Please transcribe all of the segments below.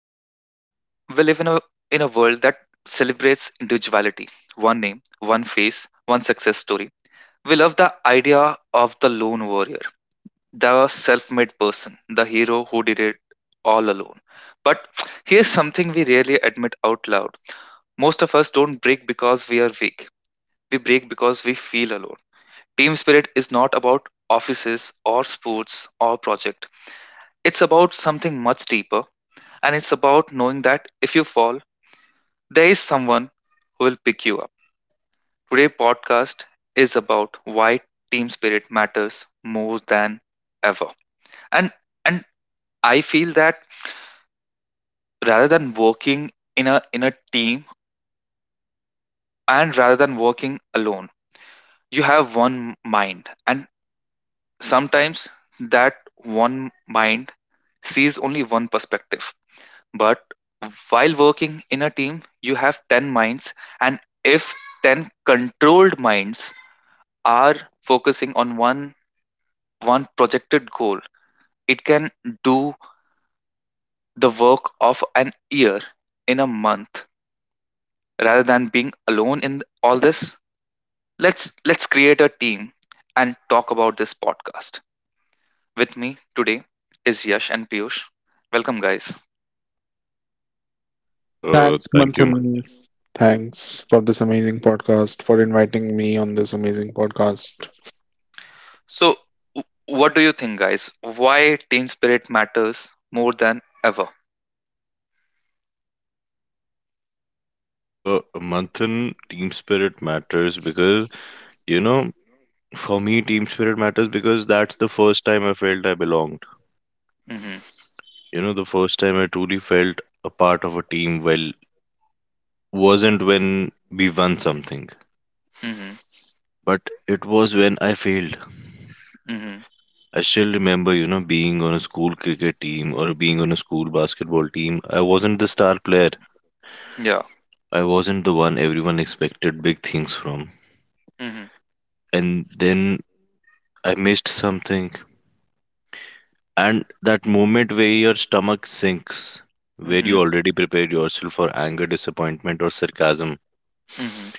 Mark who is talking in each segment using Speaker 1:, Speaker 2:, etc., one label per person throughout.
Speaker 1: in a world that celebrates individuality, one name, one face, one success story. We love the idea of the lone warrior, the self-made person, the hero who did it all alone. But here's something we rarely admit out loud. Most of us don't break because we are weak. We break because we feel alone. Team spirit is not about offices or sports or project. It's about something much deeper, and it's about knowing that if you fall, there is someone who will pick you up. Today's podcast is about why team spirit matters more than ever. And and I feel that rather than working in a team and rather than working alone, you have one mind. And sometimes that one mind sees only one perspective. But while working in a team, you have 10 minds, and if 10 controlled minds are focusing on one projected goal, it can do the work of an year in a month. Rather than being alone in all this, let's create a team and talk about this podcast. With me today is Yash and Piyush. Welcome, guys.
Speaker 2: Thanks,
Speaker 3: Thank you.
Speaker 2: Manthan. Thanks for this amazing podcast, for inviting me on this amazing podcast.
Speaker 1: So, what do you think, guys? Why team spirit matters more than ever?
Speaker 3: Uh, Manthan, team spirit matters because, you know, for me, team spirit matters because that's the first time I felt I belonged.
Speaker 1: Mhm.
Speaker 3: You know, the first time I truly felt a part of a team, well, wasn't when we won something,
Speaker 1: Mhm.
Speaker 3: but it was when I failed.
Speaker 1: Mhm.
Speaker 3: I still remember, you know, being on a school cricket team or being on a school basketball team. I wasn't the star player.
Speaker 1: Yeah.
Speaker 3: I wasn't the one everyone expected big things from.
Speaker 1: Mhm.
Speaker 3: And then I missed something. And that moment where your stomach sinks, where you
Speaker 1: Mhm.
Speaker 3: already prepared yourself for anger, disappointment, or sarcasm.
Speaker 1: Mhm.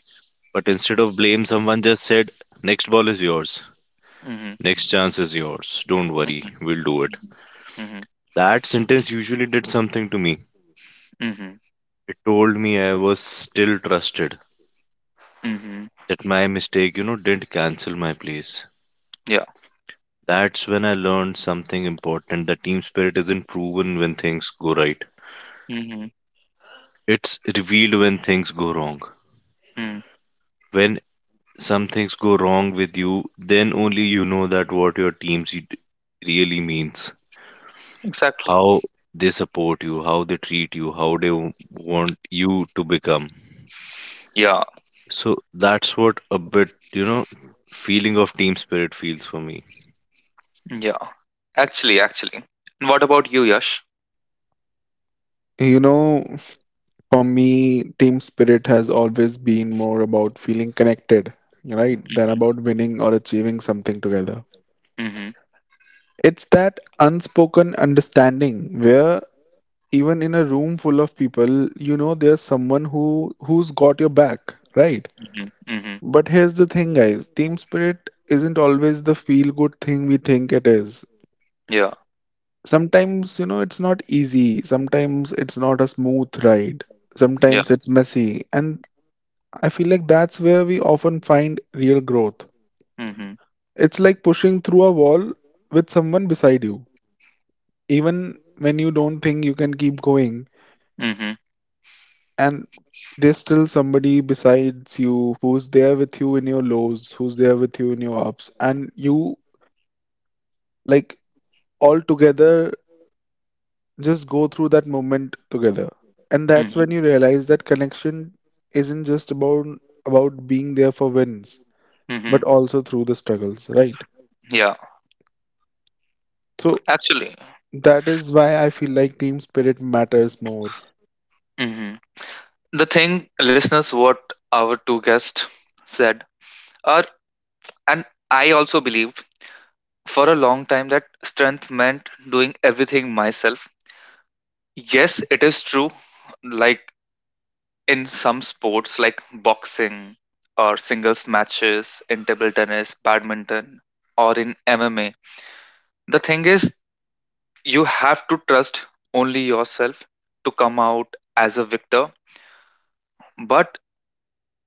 Speaker 3: But instead of blame, someone just said, next ball is yours.
Speaker 1: Mhm.
Speaker 3: Next chance is yours. Don't worry,
Speaker 1: Mhm.
Speaker 3: we'll do it.
Speaker 1: Mhm. Mhm.
Speaker 3: That sentence usually did something to me.
Speaker 1: Mhm.
Speaker 3: It told me I was still trusted,
Speaker 1: Mhm.
Speaker 3: that my mistake, you know, didn't cancel my place.
Speaker 1: Yeah.
Speaker 3: That's when I learned something important, that team spirit isn't proven when things go right,
Speaker 1: Mhm.
Speaker 3: it's revealed when things go wrong.
Speaker 1: Mm.
Speaker 3: When some things go wrong with you, then only you know that what your really means,
Speaker 1: Exactly.
Speaker 3: how they support you, how they treat you, how they want you to become.
Speaker 1: Yeah.
Speaker 3: So that's what a bit, you know, feeling of team spirit feels for me.
Speaker 1: Yeah. Actually, actually. And what about you, Yash?
Speaker 2: You know, for me, team spirit has always been more about feeling connected, right, than
Speaker 1: Mhm.
Speaker 2: about winning or achieving something together.
Speaker 1: Mhm.
Speaker 2: It's that unspoken understanding where even in a room full of people, you know there's someone who's got your back, right?
Speaker 1: Mhm. Mhm.
Speaker 2: But here's the thing, guys, team spirit isn't always the feel good thing we think it is.
Speaker 1: Yeah.
Speaker 2: Sometimes, you know, it's not easy. Sometimes it's not a smooth ride.
Speaker 1: Yeah.
Speaker 2: Sometimes it's messy. And I feel like that's where we often find real growth.
Speaker 1: Mhm.
Speaker 2: It's like pushing through a wall with someone beside you. Even when you don't think you can keep going,
Speaker 1: Mhm.
Speaker 2: and there's still somebody besides you who's there with you in your lows, who's there with you in your ups, and you like all together just go through that moment together. And that's
Speaker 1: Mhm.
Speaker 2: when you realize that connection isn't just about being there for wins,
Speaker 1: Mhm.
Speaker 2: but also through the struggles, right?
Speaker 1: Yeah.
Speaker 2: So
Speaker 1: Actually.
Speaker 2: that is why I feel like team spirit matters more.
Speaker 1: Mhm. The thing, listeners, what our two guests said are, and I also believed for a long time that strength meant doing everything myself. Yes, it is true. Like, in some sports like boxing or singles matches, in table tennis, badminton, or in MMA, the thing is, you have to trust only yourself to come out as a victor. But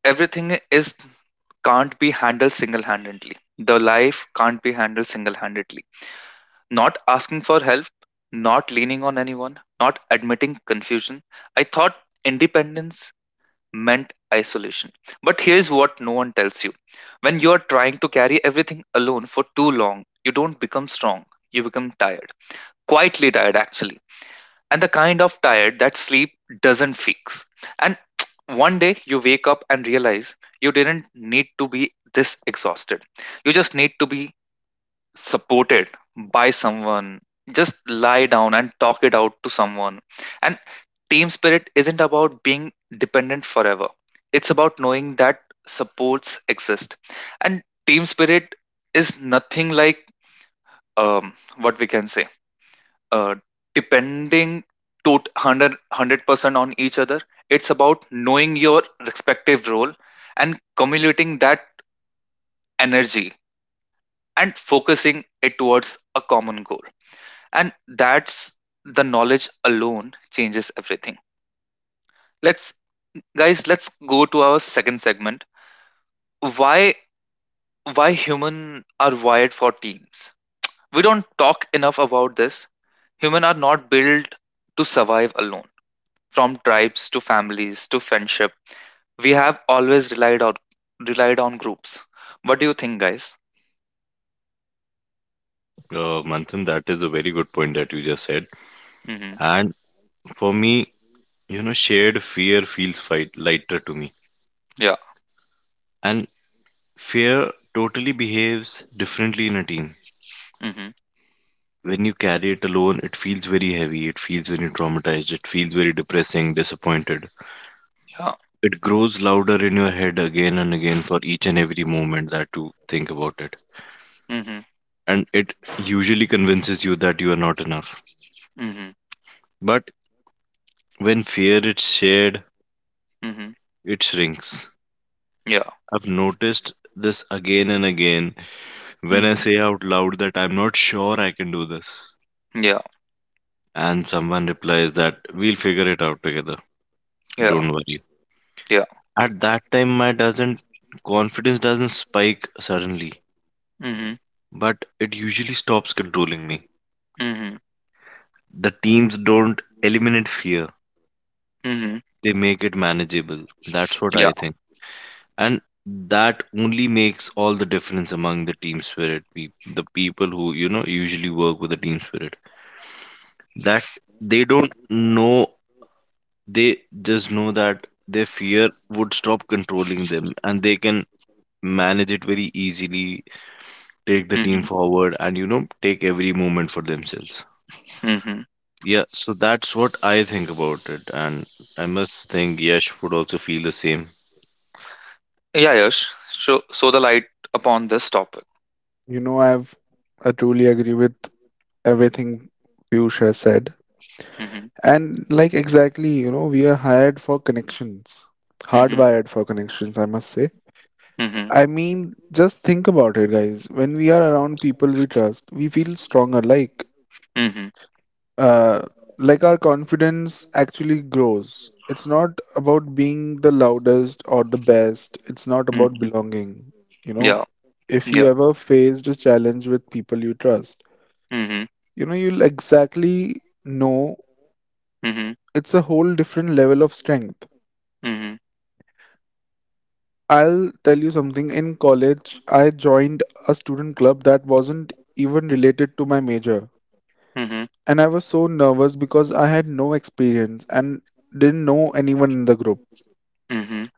Speaker 1: everything is can't be handled single handedly. The life can't be handled single handedly. Not asking for help, not leaning on anyone, not admitting confusion. I thought independence meant isolation. But here's what no one tells you: when you're trying to carry everything alone for too long, you don't become strong, you become tired. Quietly tired, actually. And the kind of tired that sleep doesn't fix. And one day you wake up and realize you didn't need to be this exhausted. You just need to be supported by someone. Just lie down and talk it out to someone. And team spirit isn't about being dependent forever. It's about knowing that supports exist. And team spirit is nothing like, what we can say, uh, depending to 100% on each other. It's about knowing your respective role and cumulating that energy and focusing it towards a common goal. And that's, the knowledge alone changes everything. Let's Guys, let's go to our second segment. Why why human are wired for teams. We don't talk enough about this. Human are not built to survive alone. From tribes to families to friendship, we have always relied on groups. What do you think, guys?
Speaker 3: Manthan, that is a very good point that you just said.
Speaker 1: Mm-hmm.
Speaker 3: And for me, you know, shared fear feels lighter to me.
Speaker 1: Yeah.
Speaker 3: And fear totally behaves differently in a team.
Speaker 1: Mm-hmm.
Speaker 3: When you carry it alone, it feels very heavy, it feels very traumatized, it feels very depressing, disappointed.
Speaker 1: Yeah.
Speaker 3: It grows louder in your head again and again for each and every moment that you think about it.
Speaker 1: Mm-hmm.
Speaker 3: And it usually convinces you that you are not enough.
Speaker 1: Mm-hmm.
Speaker 3: But when fear is shared,
Speaker 1: Mm-hmm.
Speaker 3: it shrinks.
Speaker 1: Yeah.
Speaker 3: I've noticed this again and again when I
Speaker 1: Mm-hmm.
Speaker 3: say out loud that I'm not sure I can do this.
Speaker 1: Yeah.
Speaker 3: And someone replies that we'll figure it out together.
Speaker 1: Yeah.
Speaker 3: Don't worry.
Speaker 1: Yeah.
Speaker 3: At that time, my doesn't confidence doesn't spike suddenly,
Speaker 1: Mm-hmm.
Speaker 3: but it usually stops controlling me.
Speaker 1: Mm-hmm.
Speaker 3: The teams don't eliminate fear;
Speaker 1: Mm-hmm.
Speaker 3: they make it manageable. That's what
Speaker 1: Yeah.
Speaker 3: I think, and that only makes all the difference among the team spirit. Peop The people who, you know, usually work with the team spirit, that they don't know, they just know that their fear would stop controlling them, and they can manage it very easily, take the team
Speaker 1: Mm-hmm.
Speaker 3: forward, and, you know, take every moment for themselves.
Speaker 1: Mm-hmm.
Speaker 3: Yeah, so that's what I think about it, and I must think Yash would also feel the same.
Speaker 1: Yeah. Yes. So the light upon this topic.
Speaker 2: You know, I truly agree with everything Piyush has said.
Speaker 1: Mm-hmm.
Speaker 2: And like exactly, you know, we are hired for connections.
Speaker 1: Mm-hmm.
Speaker 2: Hardwired for connections, I must say.
Speaker 1: Mm-hmm.
Speaker 2: I mean, just think about it, guys. When we are around people we trust, we feel stronger.
Speaker 1: Mhm.
Speaker 2: Uh, like our confidence actually grows. It's not about being the loudest or the best. It's not about
Speaker 1: Mhm.
Speaker 2: belonging. You know,
Speaker 1: Yeah.
Speaker 2: if you
Speaker 1: Ja.
Speaker 2: ever faced a challenge with people you trust,
Speaker 1: Mhm.
Speaker 2: you know, you'll exactly know
Speaker 1: Mhm.
Speaker 2: it's a whole different level of strength.
Speaker 1: Mhm.
Speaker 2: I'll tell you something. In college, I joined a student club that wasn't even related to my major.
Speaker 1: Mhm.
Speaker 2: And I was so nervous because I had no experience and didn't know anyone in the group.
Speaker 1: Mhm.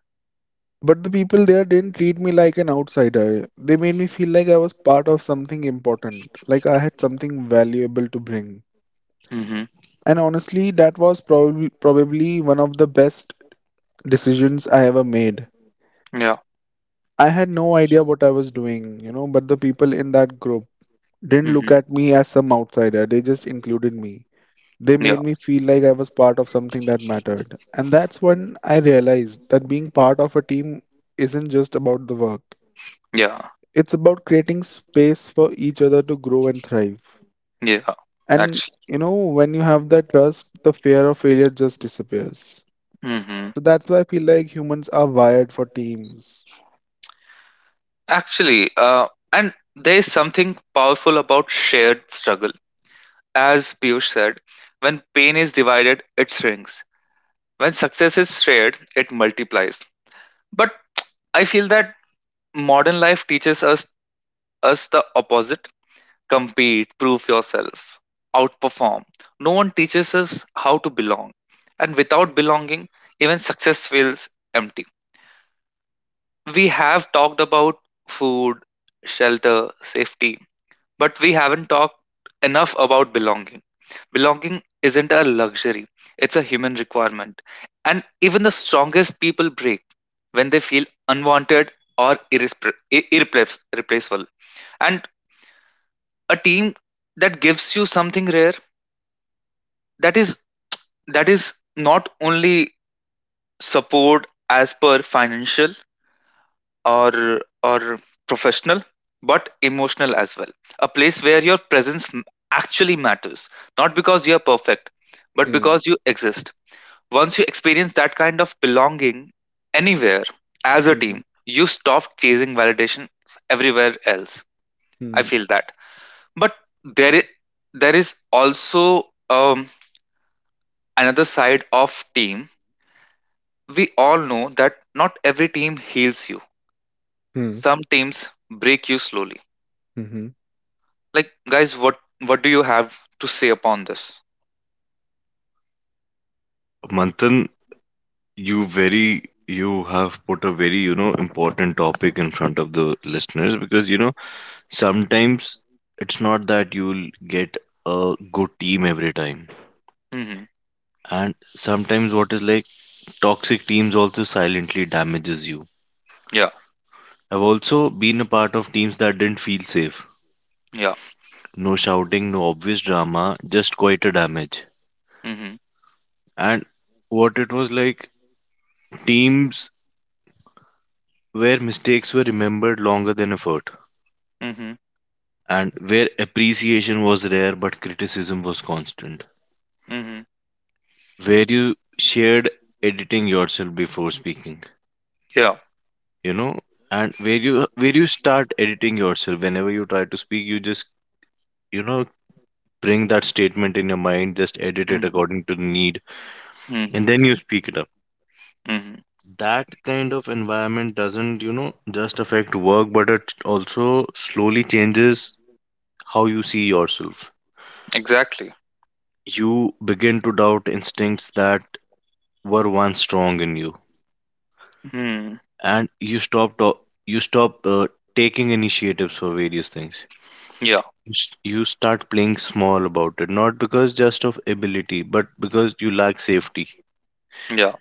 Speaker 2: But the people there didn't treat me like an outsider. They made me feel like I was part of something important, like I had something valuable to bring.
Speaker 1: Mhm.
Speaker 2: And honestly, that was probably one of the best decisions I ever made.
Speaker 1: Yeah.
Speaker 2: I had no idea what I was doing, you know, but the people in that group didn't look
Speaker 1: Mhm.
Speaker 2: at me as some outsider. They just included me. They made
Speaker 1: Yeah.
Speaker 2: me feel like I was part of something that mattered. And that's when I realized that being part of a team isn't just about the work.
Speaker 1: Yeah.
Speaker 2: It's about creating space for each other to grow and thrive.
Speaker 1: Yeah.
Speaker 2: And
Speaker 1: Actually.
Speaker 2: you know, when you have that trust, the fear of failure just disappears.
Speaker 1: Mhm.
Speaker 2: So that's why I feel like humans are wired for teams.
Speaker 1: Actually, and there is something powerful about shared struggle. As Piyush said, when pain is divided, it shrinks. When success is shared, it multiplies. But I feel that modern life teaches us the opposite: compete, prove yourself, outperform. No one teaches us how to belong. And without belonging, even success feels empty. We have talked about food, shelter, safety, but we haven't talked enough about belonging. Belonging isn't a luxury, it's a human requirement. And even the strongest people break when they feel unwanted or irreplaceable. And a team that gives you something rare, that is that is not only support as per financial or professional but emotional as well, a place where your presence actually matters, not because you are perfect but
Speaker 2: Hmm.
Speaker 1: because you exist. Once you experience that kind of belonging anywhere, as a
Speaker 2: Mhm.
Speaker 1: team, you stop chasing validation everywhere else. I
Speaker 2: Hmm.
Speaker 1: feel that, but there is, there is also, um, another side of team. We all know that not every team heals you.
Speaker 2: Hmm.
Speaker 1: Some teams break you slowly.
Speaker 2: Hmm.
Speaker 1: Like, guys, what do you have to say upon this?
Speaker 3: Manthan, you very you have put a very, you know, important topic in front of the listeners, because, you know, sometimes it's not that you'll get a good team every time,
Speaker 1: Mm-hmm.
Speaker 3: and sometimes what is like toxic teams also silently damages you.
Speaker 1: Yeah.
Speaker 3: I've also been a part of teams that didn't feel safe.
Speaker 1: Yeah.
Speaker 3: No shouting, no obvious drama, just quite a damage.
Speaker 1: Mm-hmm.
Speaker 3: And what it was like teams where mistakes were remembered longer than effort,
Speaker 1: Mm-hmm.
Speaker 3: and where appreciation was rare but criticism was constant,
Speaker 1: Mm-hmm.
Speaker 3: where you shared editing yourself before speaking,
Speaker 1: Yeah.
Speaker 3: you know, and where you start editing yourself whenever you try to speak, you just, you know, bring that statement in your mind, just edit it
Speaker 1: Mm-hmm.
Speaker 3: according to the need,
Speaker 1: Mm-hmm.
Speaker 3: and then you speak it out.
Speaker 1: Mm-hmm.
Speaker 3: That kind of environment doesn't, you know, just affect work, but it also slowly changes how you see yourself.
Speaker 1: Exactly.
Speaker 3: You begin to doubt instincts that were once strong in you,
Speaker 1: Hmm.
Speaker 3: and you stop taking initiatives for various things.
Speaker 1: Yeah.
Speaker 3: You start playing small about it, not because just of ability, but because you lack safety.
Speaker 1: Yeah.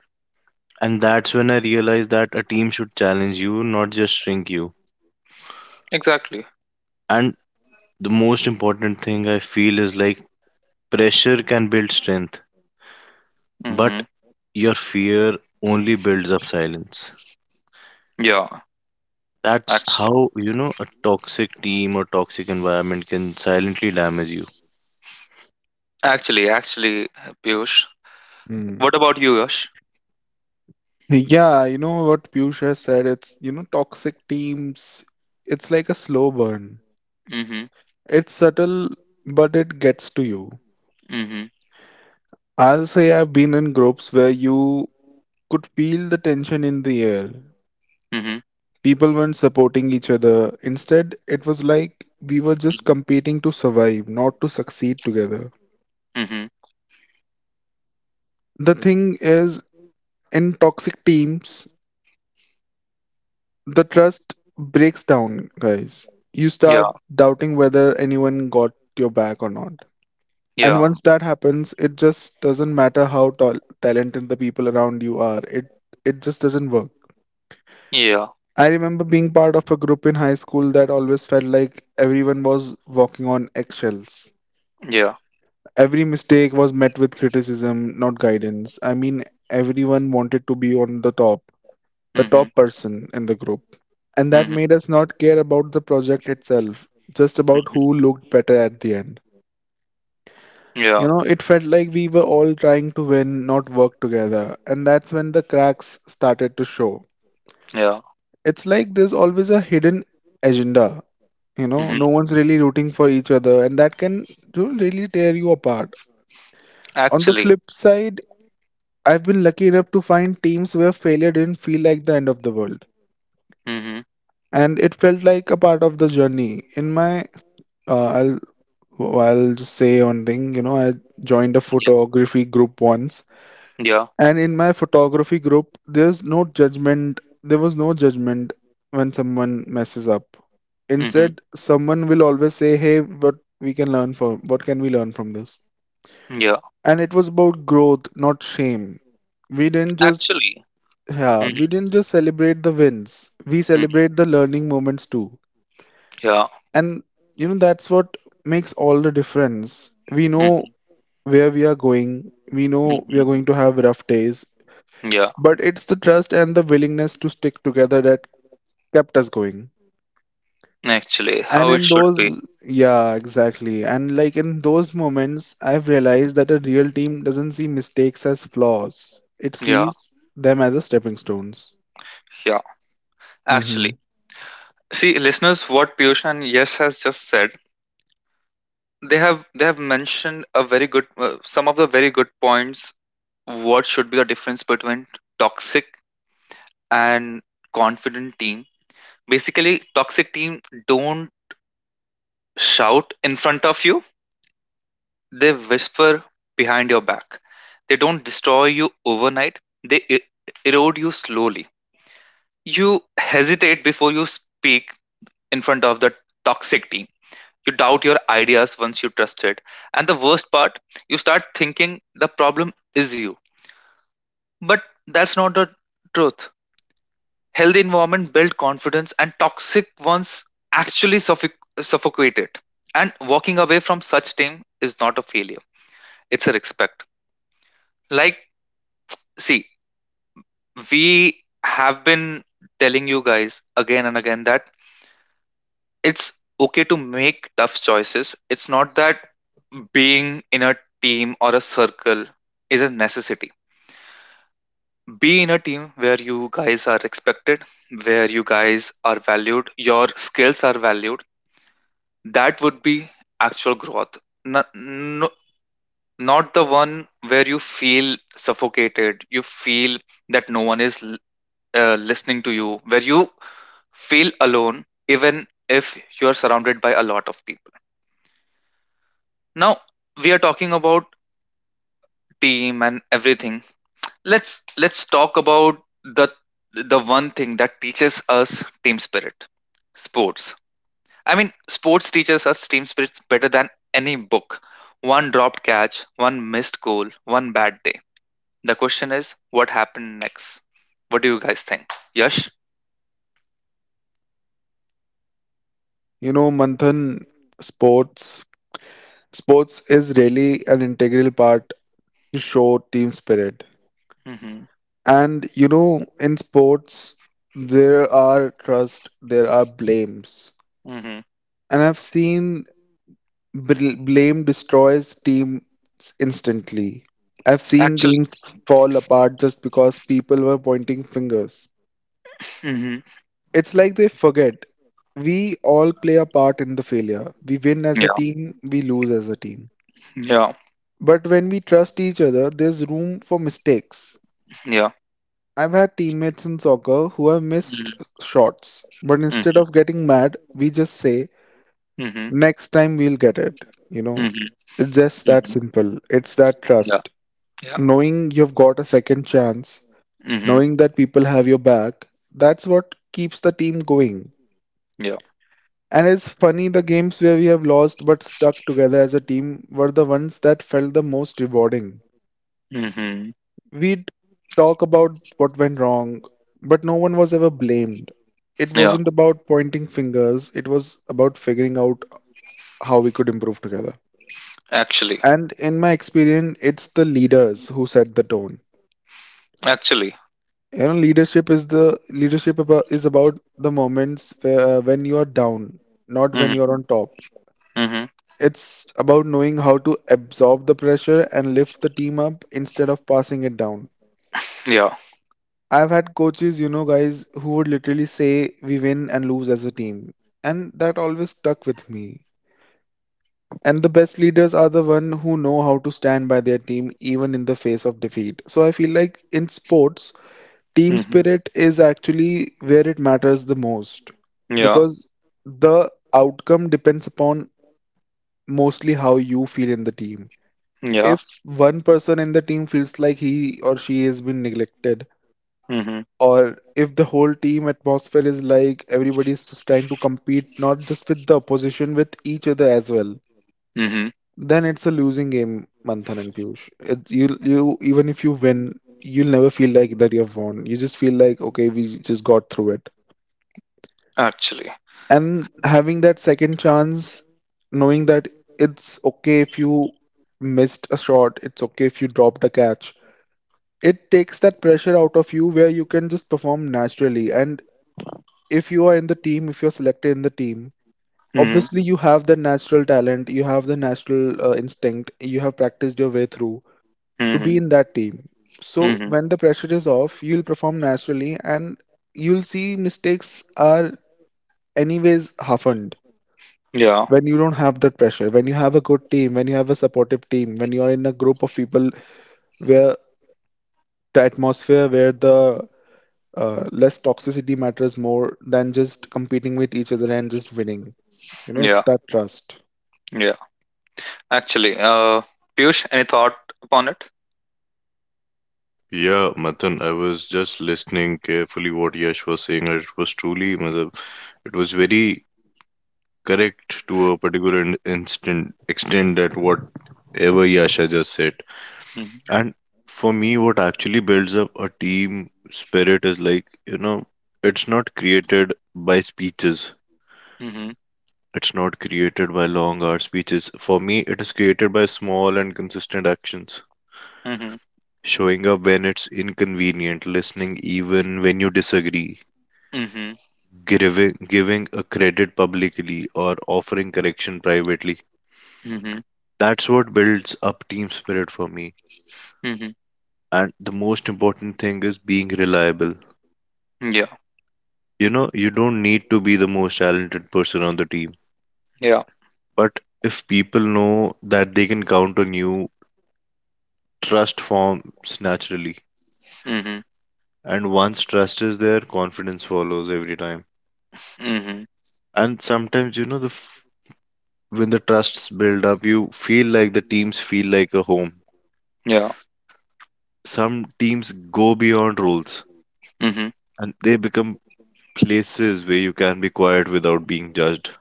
Speaker 3: And that's when I realized that a team should challenge you, not just shrink you.
Speaker 1: Exactly.
Speaker 3: And the most important thing I feel is like, pressure can build strength,
Speaker 1: Mm-hmm.
Speaker 3: but your fear only builds up silence.
Speaker 1: Yeah.
Speaker 3: That's
Speaker 1: Actually.
Speaker 3: how, you know, a toxic team or toxic environment can silently damage you.
Speaker 1: Actually. Actually. Piyush.
Speaker 2: Hmm.
Speaker 1: What about you, Yash?
Speaker 2: Yeah, you know what Piyush has said, it's you know, toxic teams, it's like a slow burn.
Speaker 1: Mm-hmm.
Speaker 2: It's subtle, but it gets to you.
Speaker 1: Mm-hmm.
Speaker 2: I'll say I've been in groups where you could feel the tension in the air.
Speaker 1: Mm-hmm.
Speaker 2: People weren't supporting each other. Instead, it was like we were just
Speaker 1: Mm-hmm.
Speaker 2: competing to survive, not to succeed together.
Speaker 1: Mm-hmm.
Speaker 2: The thing is, in toxic teams, the trust breaks down, guys. You start
Speaker 1: Yeah.
Speaker 2: doubting whether anyone got your back or not. And
Speaker 1: Yeah.
Speaker 2: once that happens, it just doesn't matter how talented the people around you are. It just doesn't work.
Speaker 1: Yeah.
Speaker 2: I remember being part of a group in high school that always felt like everyone was walking on eggshells.
Speaker 1: Yeah.
Speaker 2: Every mistake was met with criticism, not guidance. I mean, everyone wanted to be on the
Speaker 1: Mm-hmm.
Speaker 2: top person in the group. And that
Speaker 1: Mm-hmm.
Speaker 2: made us not care about the project itself, just about
Speaker 1: Mm-hmm.
Speaker 2: who looked better at the end. You
Speaker 1: Yeah.
Speaker 2: know, it felt like we were all trying to win, not work together. And that's when the cracks started to show.
Speaker 1: Yeah.
Speaker 2: It's like there's always a hidden agenda. You know,
Speaker 1: Hmm.
Speaker 2: no one's really rooting for each other, and that can you really tear you apart. On the
Speaker 1: Actually.
Speaker 2: flip side, I've been lucky enough to find teams where failure didn't feel like the end of the world,
Speaker 1: Hmm.
Speaker 2: and it felt like a part of the journey. In my, I'll I I'll just say one thing. You know, I joined a
Speaker 1: Yeah.
Speaker 2: photography group once,
Speaker 1: Yeah.
Speaker 2: and in my photography group, there's no judgment. There was no judgment when someone messes up.
Speaker 1: Hmm.
Speaker 2: Instead, someone will always say, "Hey, what we can learn from? What can we learn from this?"
Speaker 1: Yeah.
Speaker 2: And it was about growth, not shame. We didn't just
Speaker 1: Actually.
Speaker 2: yeah,
Speaker 1: Hmm.
Speaker 2: we didn't just celebrate the wins, we
Speaker 1: Hmm.
Speaker 2: celebrate the learning moments too.
Speaker 1: Yeah.
Speaker 2: And you know, that's what makes all the difference. We know
Speaker 1: Hmm.
Speaker 2: where we are going, we know we are
Speaker 1: Hmm.
Speaker 2: going to have rough days,
Speaker 1: Yeah.
Speaker 2: but it's the trust and the willingness to stick together that kept us going.
Speaker 1: Actually,
Speaker 2: And
Speaker 1: how it
Speaker 2: in
Speaker 1: should
Speaker 2: those,
Speaker 1: be.
Speaker 2: yeah, exactly. And like in those moments, I've realized that a real team doesn't see mistakes as flaws, it
Speaker 1: Yeah.
Speaker 2: sees them as a stepping stones.
Speaker 1: Yeah. Actually,
Speaker 2: Mm-hmm.
Speaker 1: see, listeners, what Piyush and Yes has just said, they have mentioned a very good, some of the very good points. What should be the difference between toxic and confident team? Basically, toxic team don't shout in front of you. They whisper behind your back. They don't destroy you overnight, they erode you slowly. You hesitate before you speak in front of the toxic team. You doubt your ideas once you trust it. And the worst part, you start thinking the problem is you. But that's not the truth. Healthy environment build confidence, and toxic ones actually suffocate it. And walking away from such team is not a failure; it's a respect. Like, see, we have been telling you guys again and again that it's okay to make tough choices. It's not that being in a team or a circle is a necessity. Be in a team where you guys are respected, where you guys are valued, your skills are valued. That would be actual growth. No, no, not the one where you feel suffocated, you feel that no one is listening to you, where you feel alone even if you are surrounded by a lot of people. Now we are talking about team and everything. Let's talk about the the one thing that teaches us team spirit: sports. I mean, sports teaches us team spirit better than any book. One dropped catch, one missed goal, one bad day, the question is what happened next. What do you guys think, Yash?
Speaker 2: You know, Manthan, sports sports is really an integral part to show team spirit.
Speaker 1: Mm-hmm.
Speaker 2: And you know, in sports, there are trust, there are blames.
Speaker 1: Mm-hmm.
Speaker 2: And I've seen blame destroys teams instantly. I've seen
Speaker 1: Actually.
Speaker 2: teams fall apart just because people were pointing fingers.
Speaker 1: Mm-hmm.
Speaker 2: It's like they forget we all play a part in the failure. We win as a
Speaker 1: Yeah.
Speaker 2: team, we lose as a team.
Speaker 1: Yeah.
Speaker 2: But when we trust each other, there's room for mistakes.
Speaker 1: Yeah.
Speaker 2: I've had teammates in soccer who have missed shots, but instead
Speaker 1: Mm-hmm.
Speaker 2: of getting mad, we just say,
Speaker 1: Mhm.
Speaker 2: next time we'll get it. You know,
Speaker 1: Mhm.
Speaker 2: it's just that
Speaker 1: Mhm.
Speaker 2: simple. It's that
Speaker 1: Yeah.
Speaker 2: trust.
Speaker 1: Yeah.
Speaker 2: Knowing you've got a second chance,
Speaker 1: Mhm.
Speaker 2: knowing that people have your back, that's what keeps the team going.
Speaker 1: Yeah.
Speaker 2: And it's funny, the games where we have lost but stuck together as a team were the ones that felt the most rewarding.
Speaker 1: Mhm.
Speaker 2: We'd talk about what went wrong, but no one was ever blamed. It
Speaker 1: Yeah.
Speaker 2: wasn't about pointing fingers, it was about figuring out how we could improve together.
Speaker 1: Actually,
Speaker 2: And in my experience, it's the leaders who set the tone.
Speaker 1: actually.
Speaker 2: You know, leadership is about the moments where, when you are down, not when
Speaker 1: Mhm.
Speaker 2: you're on top.
Speaker 1: Mhm.
Speaker 2: It's about knowing how to absorb the pressure and lift the team up instead of passing it down.
Speaker 1: Yeah.
Speaker 2: I've had coaches, you know, guys who would literally say we win and lose as a team. And that always stuck with me. And the best leaders are the one who know how to stand by their team even in the face of defeat. So I feel like in sports, team
Speaker 1: Mhm.
Speaker 2: spirit is actually where it matters the most
Speaker 1: Yeah.
Speaker 2: because the outcome depends upon mostly how you feel in the team.
Speaker 1: Yeah.
Speaker 2: If one person in the team feels like he or she has been neglected,
Speaker 1: Mhm.
Speaker 2: or if the whole team atmosphere is like everybody's just trying to compete not just with the opposition with each other as well,
Speaker 1: Mhm.
Speaker 2: then it's a losing game, Manthan and Piyush. It, you even if you win, you'll never feel like that you've won. You just feel like, okay, we just got through it.
Speaker 1: Actually.
Speaker 2: And having that second chance, knowing that it's okay if you missed a shot, it's okay if you dropped a catch, it takes that pressure out of you where you can just perform naturally. And if you are in the team, if you're selected in the team,
Speaker 1: Mhm.
Speaker 2: obviously you have the natural talent, you have the natural instinct, you have practiced your way through to
Speaker 1: Mhm.
Speaker 2: be in that team. So
Speaker 1: Mhm.
Speaker 2: when the pressure is off, you'll perform naturally and you'll see mistakes are anyways happened
Speaker 1: Yeah.
Speaker 2: when you don't have that pressure. When you have a good team, when you have a supportive team, when you are in a group of people where the atmosphere, where the less toxicity matters more than just competing with each other and just winning. You know, it's
Speaker 1: Yeah.
Speaker 2: that trust.
Speaker 1: Yeah. Actually, Piyush, any thought upon it?
Speaker 3: Yeah, Matan, I was just listening carefully what Yash was saying, and it was truly, matlab, it was very correct to a particular instant extent that whatever Yasha just said.
Speaker 1: Mhm.
Speaker 3: And for me, what actually builds up a team spirit is like, you know, it's not created by speeches.
Speaker 1: Mhm.
Speaker 3: It's not created by long hour speeches. For me, it is created by small and consistent actions.
Speaker 1: Mhm.
Speaker 3: Showing up when it's inconvenient, listening even when you disagree,
Speaker 1: Mhm.
Speaker 3: giving a credit publicly, or offering correction privately.
Speaker 1: Mhm.
Speaker 3: That's what builds up team spirit for me.
Speaker 1: Mhm.
Speaker 3: And the most important thing is being reliable.
Speaker 1: Yeah.
Speaker 3: You know, you don't need to be the most talented person on the team,
Speaker 1: Yeah.
Speaker 3: but if people know that they can count on you, trust forms naturally,
Speaker 1: Mhm.
Speaker 3: and once trust is there, confidence follows every time.
Speaker 1: Mhm.
Speaker 3: And sometimes, you know, when the trusts build up, you feel like the teams feel like a home.
Speaker 1: Yeah.
Speaker 3: Some teams go beyond rules,
Speaker 1: Mhm.
Speaker 3: and they become places where you can be quiet without being judged,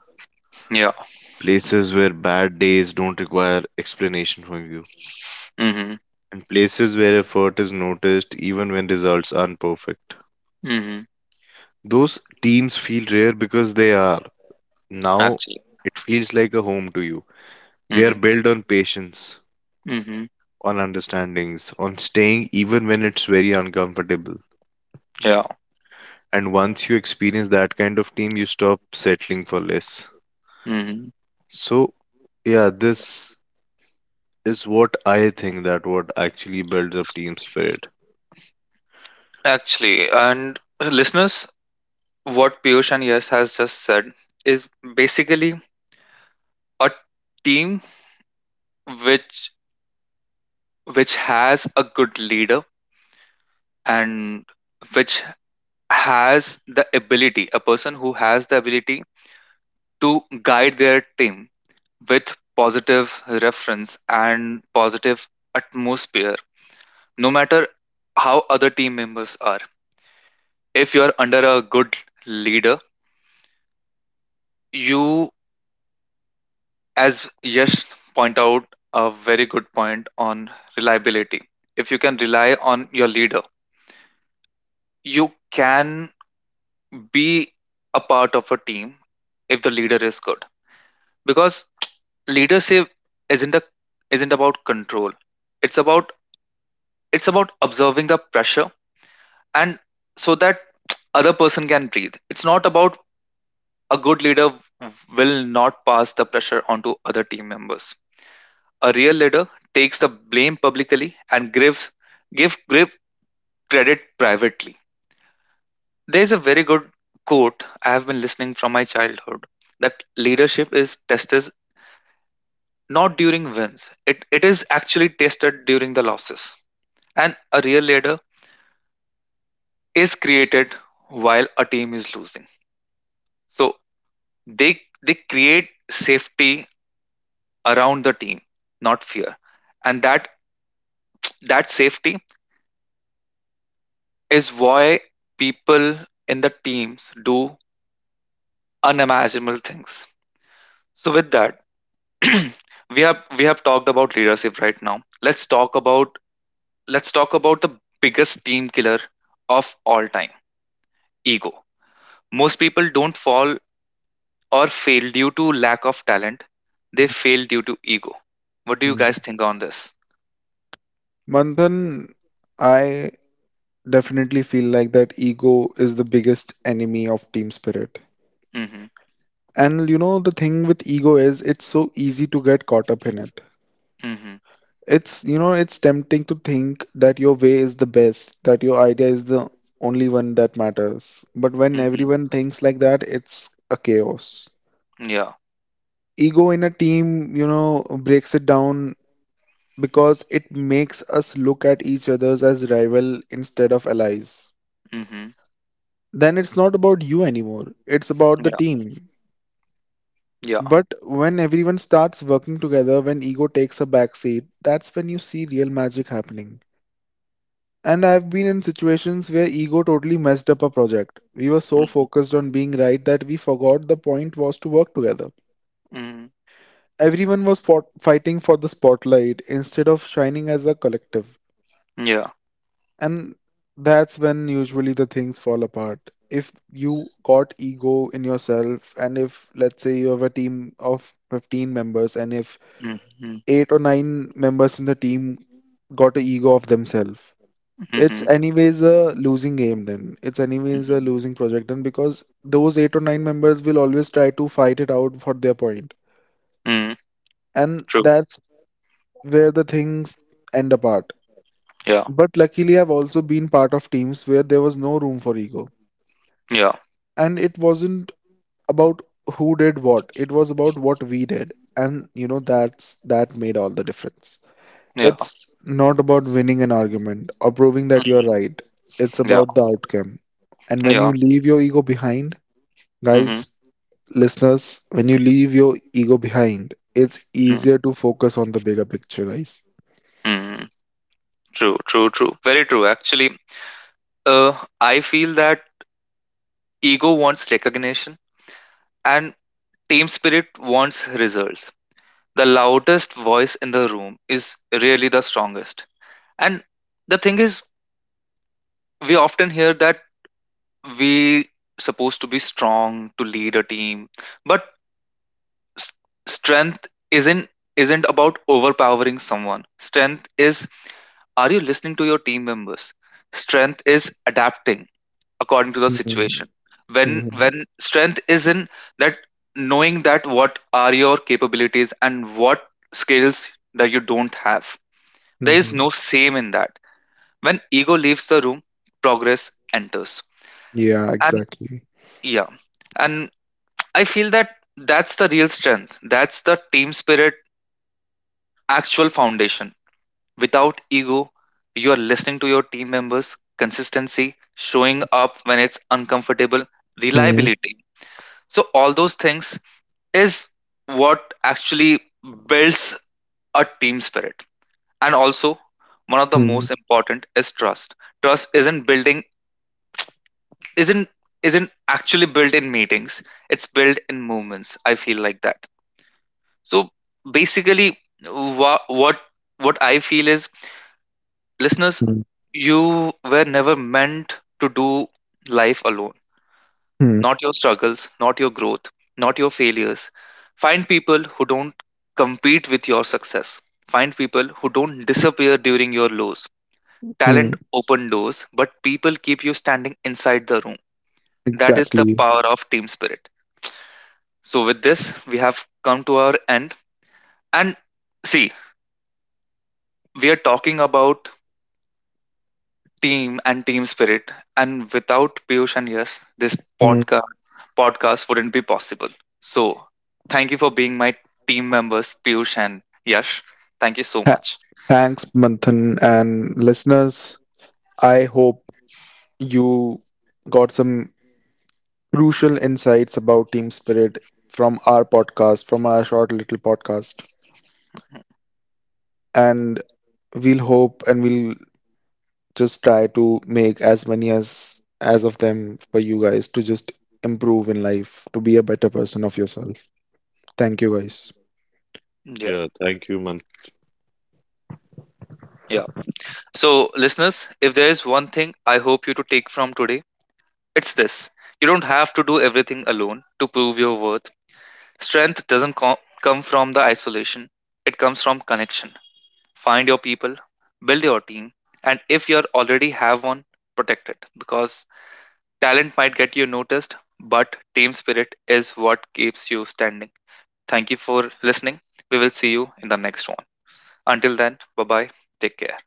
Speaker 1: Yeah.
Speaker 3: places where bad days don't require explanation from you,
Speaker 1: Mhm.
Speaker 3: and places where effort is noticed even when results aren't perfect.
Speaker 1: Mhm.
Speaker 3: Those teams feel rare because they are. Now
Speaker 1: Actually.
Speaker 3: it feels like a home to you. They are
Speaker 1: Mhm.
Speaker 3: built on patience,
Speaker 1: Mhm.
Speaker 3: on understandings, on staying even when it's very uncomfortable.
Speaker 1: Yeah.
Speaker 3: And once you experience that kind of team, you stop settling for less.
Speaker 1: Mhm.
Speaker 3: So, yeah, this is what I think that what actually builds up team spirit.
Speaker 1: Actually, and listeners, what Piyush and Yes has just said is basically a team which which has a good leader and which has the ability, a person who has the ability to guide their team with positive reference and positive atmosphere, no matter how other team members are. If you are under a good leader, you, as Yash point out a very good point on reliability. If you can rely on your leader, you can be a part of a team if the leader is good. Because leadership isn't a isn't about control. It's about it's about observing the pressure and so that other person can breathe. It's not about, a good leader will not pass the pressure onto other team members. A real leader takes the blame publicly and gives give give credit privately. There's a very good quote I have been listening from my childhood that leadership is tested not during wins. It is actually tested during the losses. And a real leader is created while a team is losing. So they they create safety around the team, not fear. And that safety is why people in the teams do unimaginable things. So with that, we have talked about leadership right now. Let's talk about the biggest team killer of all time, ego. Most people don't fall or fail due to lack of talent. They fail due to ego. What do you
Speaker 2: Mm.
Speaker 1: guys think on this?
Speaker 2: Manthan, I definitely feel like that ego is the biggest enemy of team spirit.
Speaker 1: Mm-hmm.
Speaker 2: And you know, the thing with ego is it's so easy to get caught up in it.
Speaker 1: Mm-hmm.
Speaker 2: It's, you know, it's tempting to think that your way is the best, that your idea is the only one that matters. But when
Speaker 1: Mm-hmm.
Speaker 2: everyone thinks like that, it's a chaos.
Speaker 1: Yeah.
Speaker 2: Ego in a team, you know, breaks it down because it makes us look at each other as rival instead of allies.
Speaker 1: Mm-hmm.
Speaker 2: Then it's not about you anymore, it's about the
Speaker 1: Yeah.
Speaker 2: team.
Speaker 1: Yeah.
Speaker 2: But when everyone starts working together, when ego takes a backseat, that's when you see real magic happening. And I've been in situations where ego totally messed up a project. We were so
Speaker 1: Mm-hmm.
Speaker 2: focused on being right that we forgot the point was to work together.
Speaker 1: Mm-hmm.
Speaker 2: Everyone was fighting for the spotlight instead of shining as a collective.
Speaker 1: Yeah.
Speaker 2: And that's when usually the things fall apart. If you got ego in yourself, and if, let's say, you have a team of 15 members, and if
Speaker 1: Mm-hmm.
Speaker 2: eight or nine members in the team got an ego of themselves,
Speaker 1: Mm-hmm.
Speaker 2: it's anyways a losing game then. It's anyways a losing
Speaker 1: Mm-hmm.
Speaker 2: project then because those eight or nine members will always try to fight it out for their point.
Speaker 1: Mm,
Speaker 2: And
Speaker 1: true.
Speaker 2: that's where the things end apart.
Speaker 1: Yeah.
Speaker 2: But luckily, I've also been part of teams where there was no room for ego.
Speaker 1: Yeah.
Speaker 2: And it wasn't about who did what, it was about what we did. And you know, that made all the difference.
Speaker 1: Yeah.
Speaker 2: It's not about winning an argument or proving that you're right, it's
Speaker 1: Yeah,
Speaker 2: about the outcome. And when
Speaker 1: yeah.
Speaker 2: you leave your ego behind,
Speaker 1: Hmm.
Speaker 2: guys, listeners, when you leave your ego behind, it's easier to focus on the bigger picture, guys.
Speaker 1: Hmm. True, true, true. Very true, actually. Uh, I feel that ego wants recognition and team spirit wants results. The loudest voice in the room is really the strongest. And the thing is, we often hear that we supposed to be strong to lead a team, but s- strength isn't about overpowering someone. Strength is, are you listening to your team members? Strength is adapting according to the
Speaker 2: Hmm.
Speaker 1: situation. When
Speaker 2: Hmm.
Speaker 1: when strength is in that, knowing that what are your capabilities and what skills that you don't have. There is no
Speaker 2: Hmm.
Speaker 1: same in that. When ego leaves the room, progress enters.
Speaker 2: Yeah,
Speaker 1: And
Speaker 2: exactly.
Speaker 1: yeah, and I feel that that's the real strength. That's the team spirit actual foundation. Without ego, you are listening to your team members, consistency, showing up when it's uncomfortable,
Speaker 2: Hmm.
Speaker 1: reliability. So, all those things is what actually builds a team spirit. And also, one of the
Speaker 2: Hmm.
Speaker 1: most important is trust. Trust isn't building, isn't isn't actually built in meetings, it's built in movements, I feel like that. So basically, what what what I feel is, listeners,
Speaker 2: Hmm.
Speaker 1: you were never meant to do life alone.
Speaker 2: Hmm.
Speaker 1: Not your struggles, not your growth, not your failures. Find people who don't compete with your success. Find people who don't disappear during your lows.
Speaker 2: Hmm,
Speaker 1: Talent open doors, but people keep you standing inside the room. That is the
Speaker 2: exactly.
Speaker 1: power of team spirit. So, with this, we have come to our end. And see, we are talking about team and team spirit. And without Piyush and Yes, this
Speaker 2: Mm-hmm.
Speaker 1: podcast wouldn't be possible. So thank you for being my team members, Piyush and Yash. Thank you so
Speaker 2: Tha-
Speaker 1: much.
Speaker 2: Thanks, Manthan, and listeners. I hope you got some crucial insights about team spirit from our podcast, from our short little podcast. And we'll hope and we'll just try to make as many as of them for you guys to just improve in life, to be a better person of yourself. Thank you guys.
Speaker 3: Yeah,
Speaker 1: Yeah,
Speaker 3: thank you, Manoj.
Speaker 1: yeah. So, listeners, if there is one thing I hope you to take from today, it's this. You don't have to do everything alone to prove your worth. Strength doesn't come from the isolation. It comes from connection. Find your people, build your team, and if you already have one, protect it because talent might get you noticed, but team spirit is what keeps you standing. Thank you for listening. We will see you in the next one. Until then, bye bye. Take care.